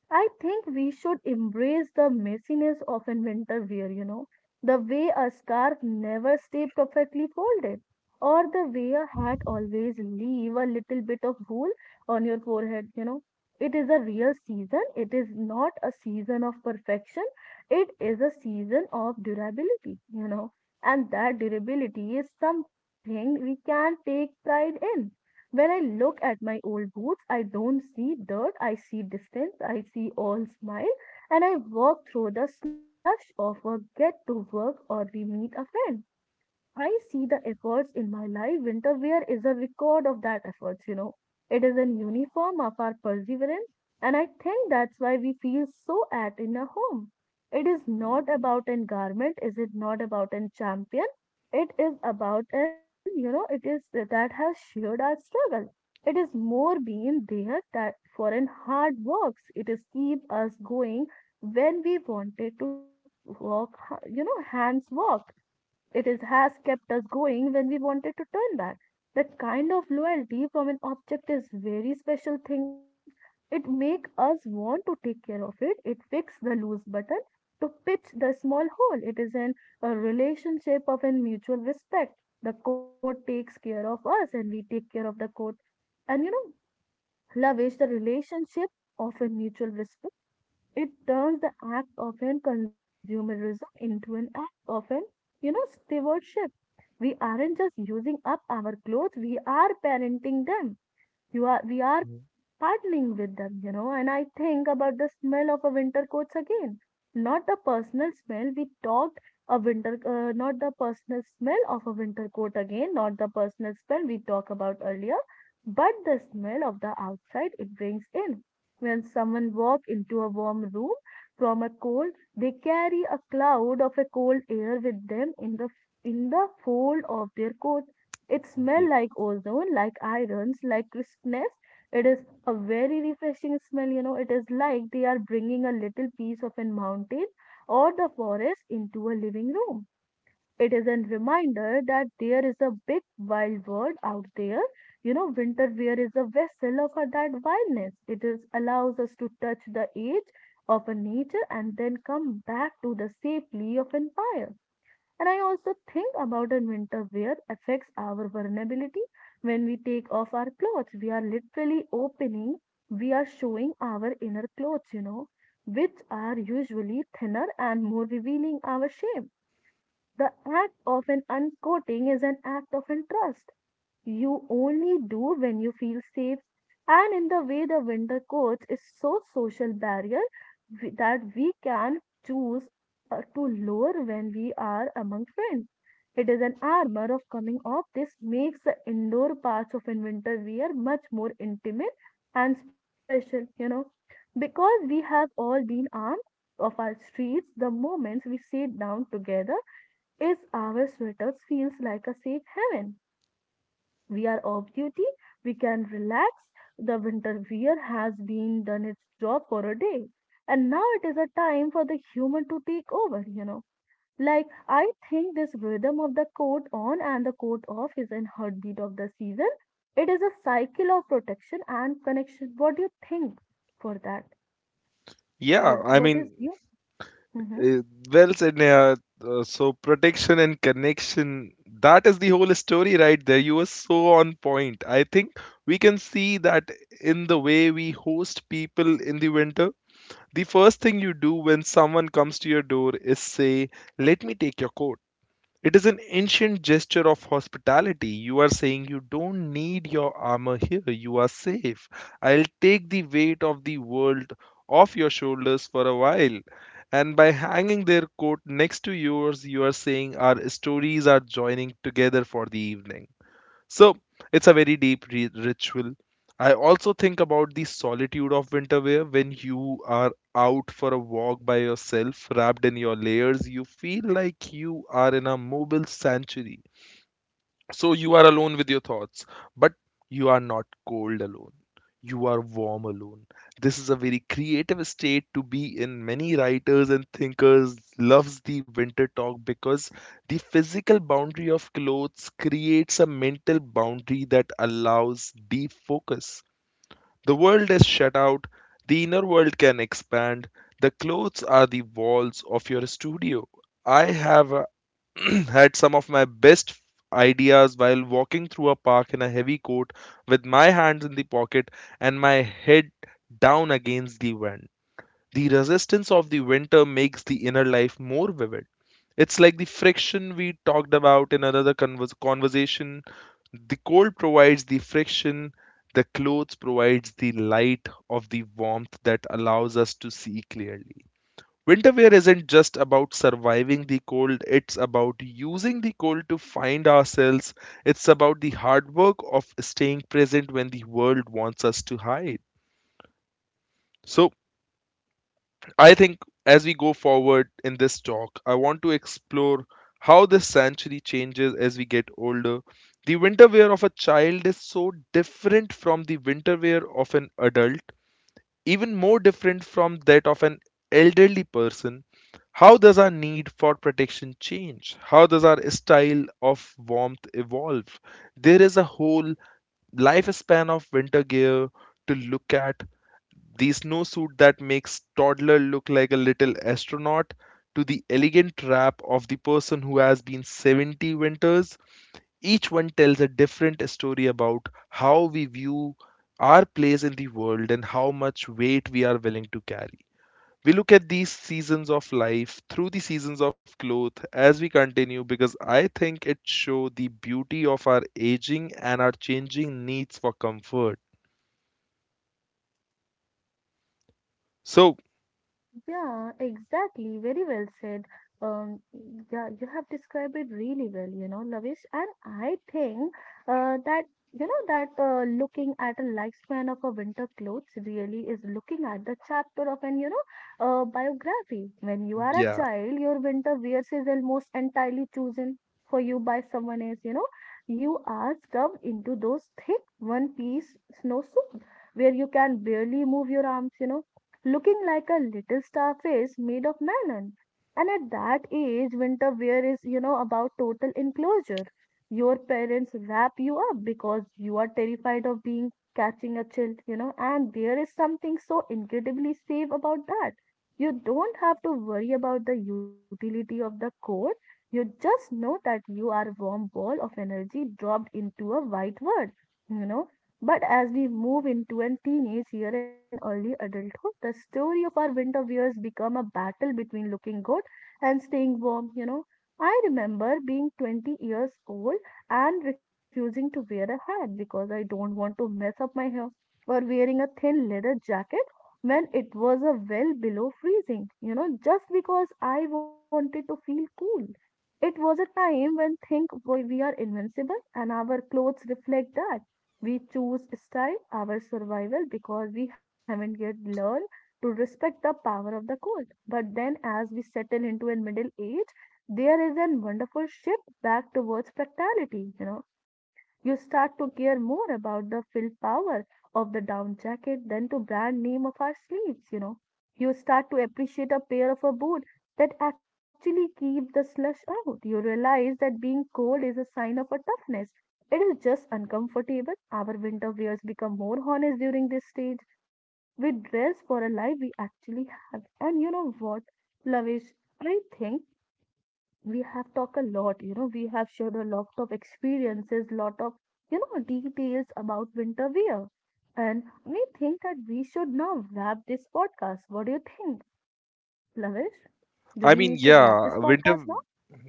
A: I think we should embrace the messiness of an winter wear, you know, the way a scarf never stay perfectly folded, or the way a hat always leave a little bit of wool on your forehead, you know. It is a real season. It is not a season of perfection. It is a season of durability, you know, and that durability is something we can take pride in. When I look at my old boots, I don't see dirt, I see distance, I see all smile, and I walk through the slush of a get to work or we meet a friend. I see the efforts in my life. Winter wear is a record of that efforts, you know. It is an uniform of our perseverance, and I think that's why we feel so at in a home. It is not about an garment, is it not about an champion? It is about an, it is that has shared our struggle. It is more being there that for an hard works. It is keep us going when we wanted to walk, hands walk, it is, has kept us going when we wanted to turn back. That kind of loyalty from an object is very special thing. It make us want to take care of it. It fix the loose button to pitch the small hole. A relationship of an mutual respect. The court takes care of us and we take care of the court. And you know, love is the relationship of a mutual respect. It turns the act of an consumerism into an act of an, stewardship. We aren't just using up our clothes, we are parenting them. You are we are
B: Mhm.
A: partnering with them, you know, and I think about the smell of a winter coats again. Not the personal smell we talked a winter, Not the personal smell of a winter coat again, not the personal smell we talked about earlier, but the smell of the outside it brings in. When someone walks into a warm room from a cold, they carry a cloud of a cold air with them in the fold of their coat. It
B: Yeah.
A: smells like ozone, like irons, like crispness, it is a very refreshing smell, you know. It is like they are bringing a little piece of a mountain or the forest into a living room. It is a reminder that there is a big wild world out there. You know, winter wear is a vessel of that wildness. It is allows us to touch the edge of a nature and then come back to the safely of empire. And I also think about the winter wear affects our vulnerability. When we take off our clothes, we are literally opening, we are showing our inner clothes, you know, which are usually thinner and more revealing our shame. The act of an uncoating is an act of trust. You only do when you feel safe. And in the way the winter coats is so social barrier that we can choose to lower when we are among friends, it is an armor of coming up. This makes the indoor parts of winter wear much more intimate and special, you know, because we have all been armed of our streets. The moments we sit down together is our sweaters feels like a safe haven. We are off duty. We can relax. The winter wear has been done its job for a day. And now it is a time for the human to take over, you know, like, I think this rhythm of the coat on and the coat off is in heartbeat of the season. It is a cycle of protection and connection. What do you think for that?
B: Yeah,
A: What
B: I
A: what
B: mean,
A: is you?
B: uh, well said, Neha. So protection and connection, that is the whole story right there. You were so on point. I think we can see that in the way we host people in the winter. The first thing you do when someone comes to your door is say, "Let me take your coat." It is an ancient gesture of hospitality. You are saying you don't need your armor here. You are safe. I'll take the weight of the world off your shoulders for a while. And by hanging their coat next to yours, you are saying our stories are joining together for the evening. So it's a very deep ri ritual. I also think about the solitude of winter wear when you are out for a walk by yourself, wrapped in your layers. You feel like you are in a mobile sanctuary. So you are alone with your thoughts, but you are not cold alone. You are warm alone. This is a very creative state to be in. Many writers and thinkers loves the winter talk because the physical boundary of clothes creates a mental boundary that allows deep focus. The world is shut out, the inner world can expand. The clothes are the walls of your studio. I have a had some of my best ideas while walking through a park in a heavy coat with my hands in the pocket and my head down against the wind. The resistance of the winter makes the inner life more vivid. It's like the friction we talked about in another conversation. The cold provides the friction, the clothes provides the light of the warmth that allows us to see clearly. Winter wear isn't just about surviving the cold, it's about using the cold to find ourselves. It's about the hard work of staying present when the world wants us to hide. So, I think as we go forward in this talk, I want to explore how this century changes as we get older. The winter wear of a child is so different from the winter wear of an adult, even more different from that of an elderly person. How does our need for protection change? How does our style of warmth evolve? There is a whole lifespan of winter gear to look at. The snowsuit that makes toddler look like a little astronaut to the elegant wrap of the person who has been 70 winters, each one tells a different story about how we view our place in the world and how much weight we are willing to carry. We look at these seasons of life through the seasons of clothes as we continue because I think it shows the beauty of our aging and our changing needs for comfort. So,
A: Yeah, exactly. Very well said. Um, yeah, you have described it really well, you know, Lavish. And I think uh, that, you know, that looking at a lifespan of a winter clothes really is looking at the chapter of an, biography. When you are a
B: yeah,
A: child, your winter wears is almost entirely chosen for you by someone else, you know. You are stuffed into those thick one-piece snow suit where you can barely move your arms, you know, looking like a little star face made of melon. And at that age, winter wear is, you know, about total enclosure. Your parents wrap you up because you are terrified of being catching a child, you know, and there is something so incredibly safe about that. You don't have to worry about the utility of the coat. You just know that you are a warm ball of energy dropped into a white world. You know, but as we move into an teenage year and early adulthood, the story of our winter years become a battle between looking good and staying warm, you know. I remember being 20 years old and refusing to wear a hat because I don't want to mess up my hair, or wearing a thin leather jacket when it was a well below freezing, you know, just because I wanted to feel cool. It was a time when think we are invincible and our clothes reflect that, we choose style our survival because we haven't yet learned to respect the power of the cold. But then, as we settle into a middle age, there is a wonderful shift back towards practicality. You know, you start to care more about the fill power of the down jacket than to brand name of our sleeves, you know. You start to appreciate a pair of a boot that actually keep the slush out. You realize that being cold is a sign of a toughness. It is just uncomfortable. Our winter wears become more honest during this stage. We dress for a life we actually have. And you know what, Lavish? I think we have talked a lot, you know, we have shared a lot of experiences, lot of, you know, details about winter wear. And we think that we should now wrap this podcast. What do you think, Lavish? Do
B: I
A: we
B: mean,
A: need to wrap
B: yeah,
A: this
B: winter.
A: podcast now?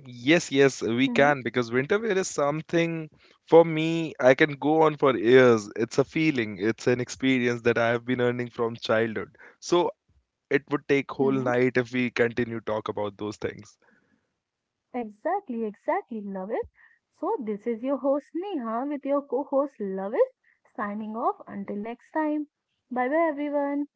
B: Yes, yes, we
A: Hmm.
B: can because winter wear is something for me I can go on for years. It's a feeling, it's an experience that I have been earning from childhood. So it would take whole
A: Hmm.
B: night if we continue talk about those things.
A: Exactly, exactly, Lavish. So this is your host Neha with your co-host Lavish signing off until next time. Bye bye everyone.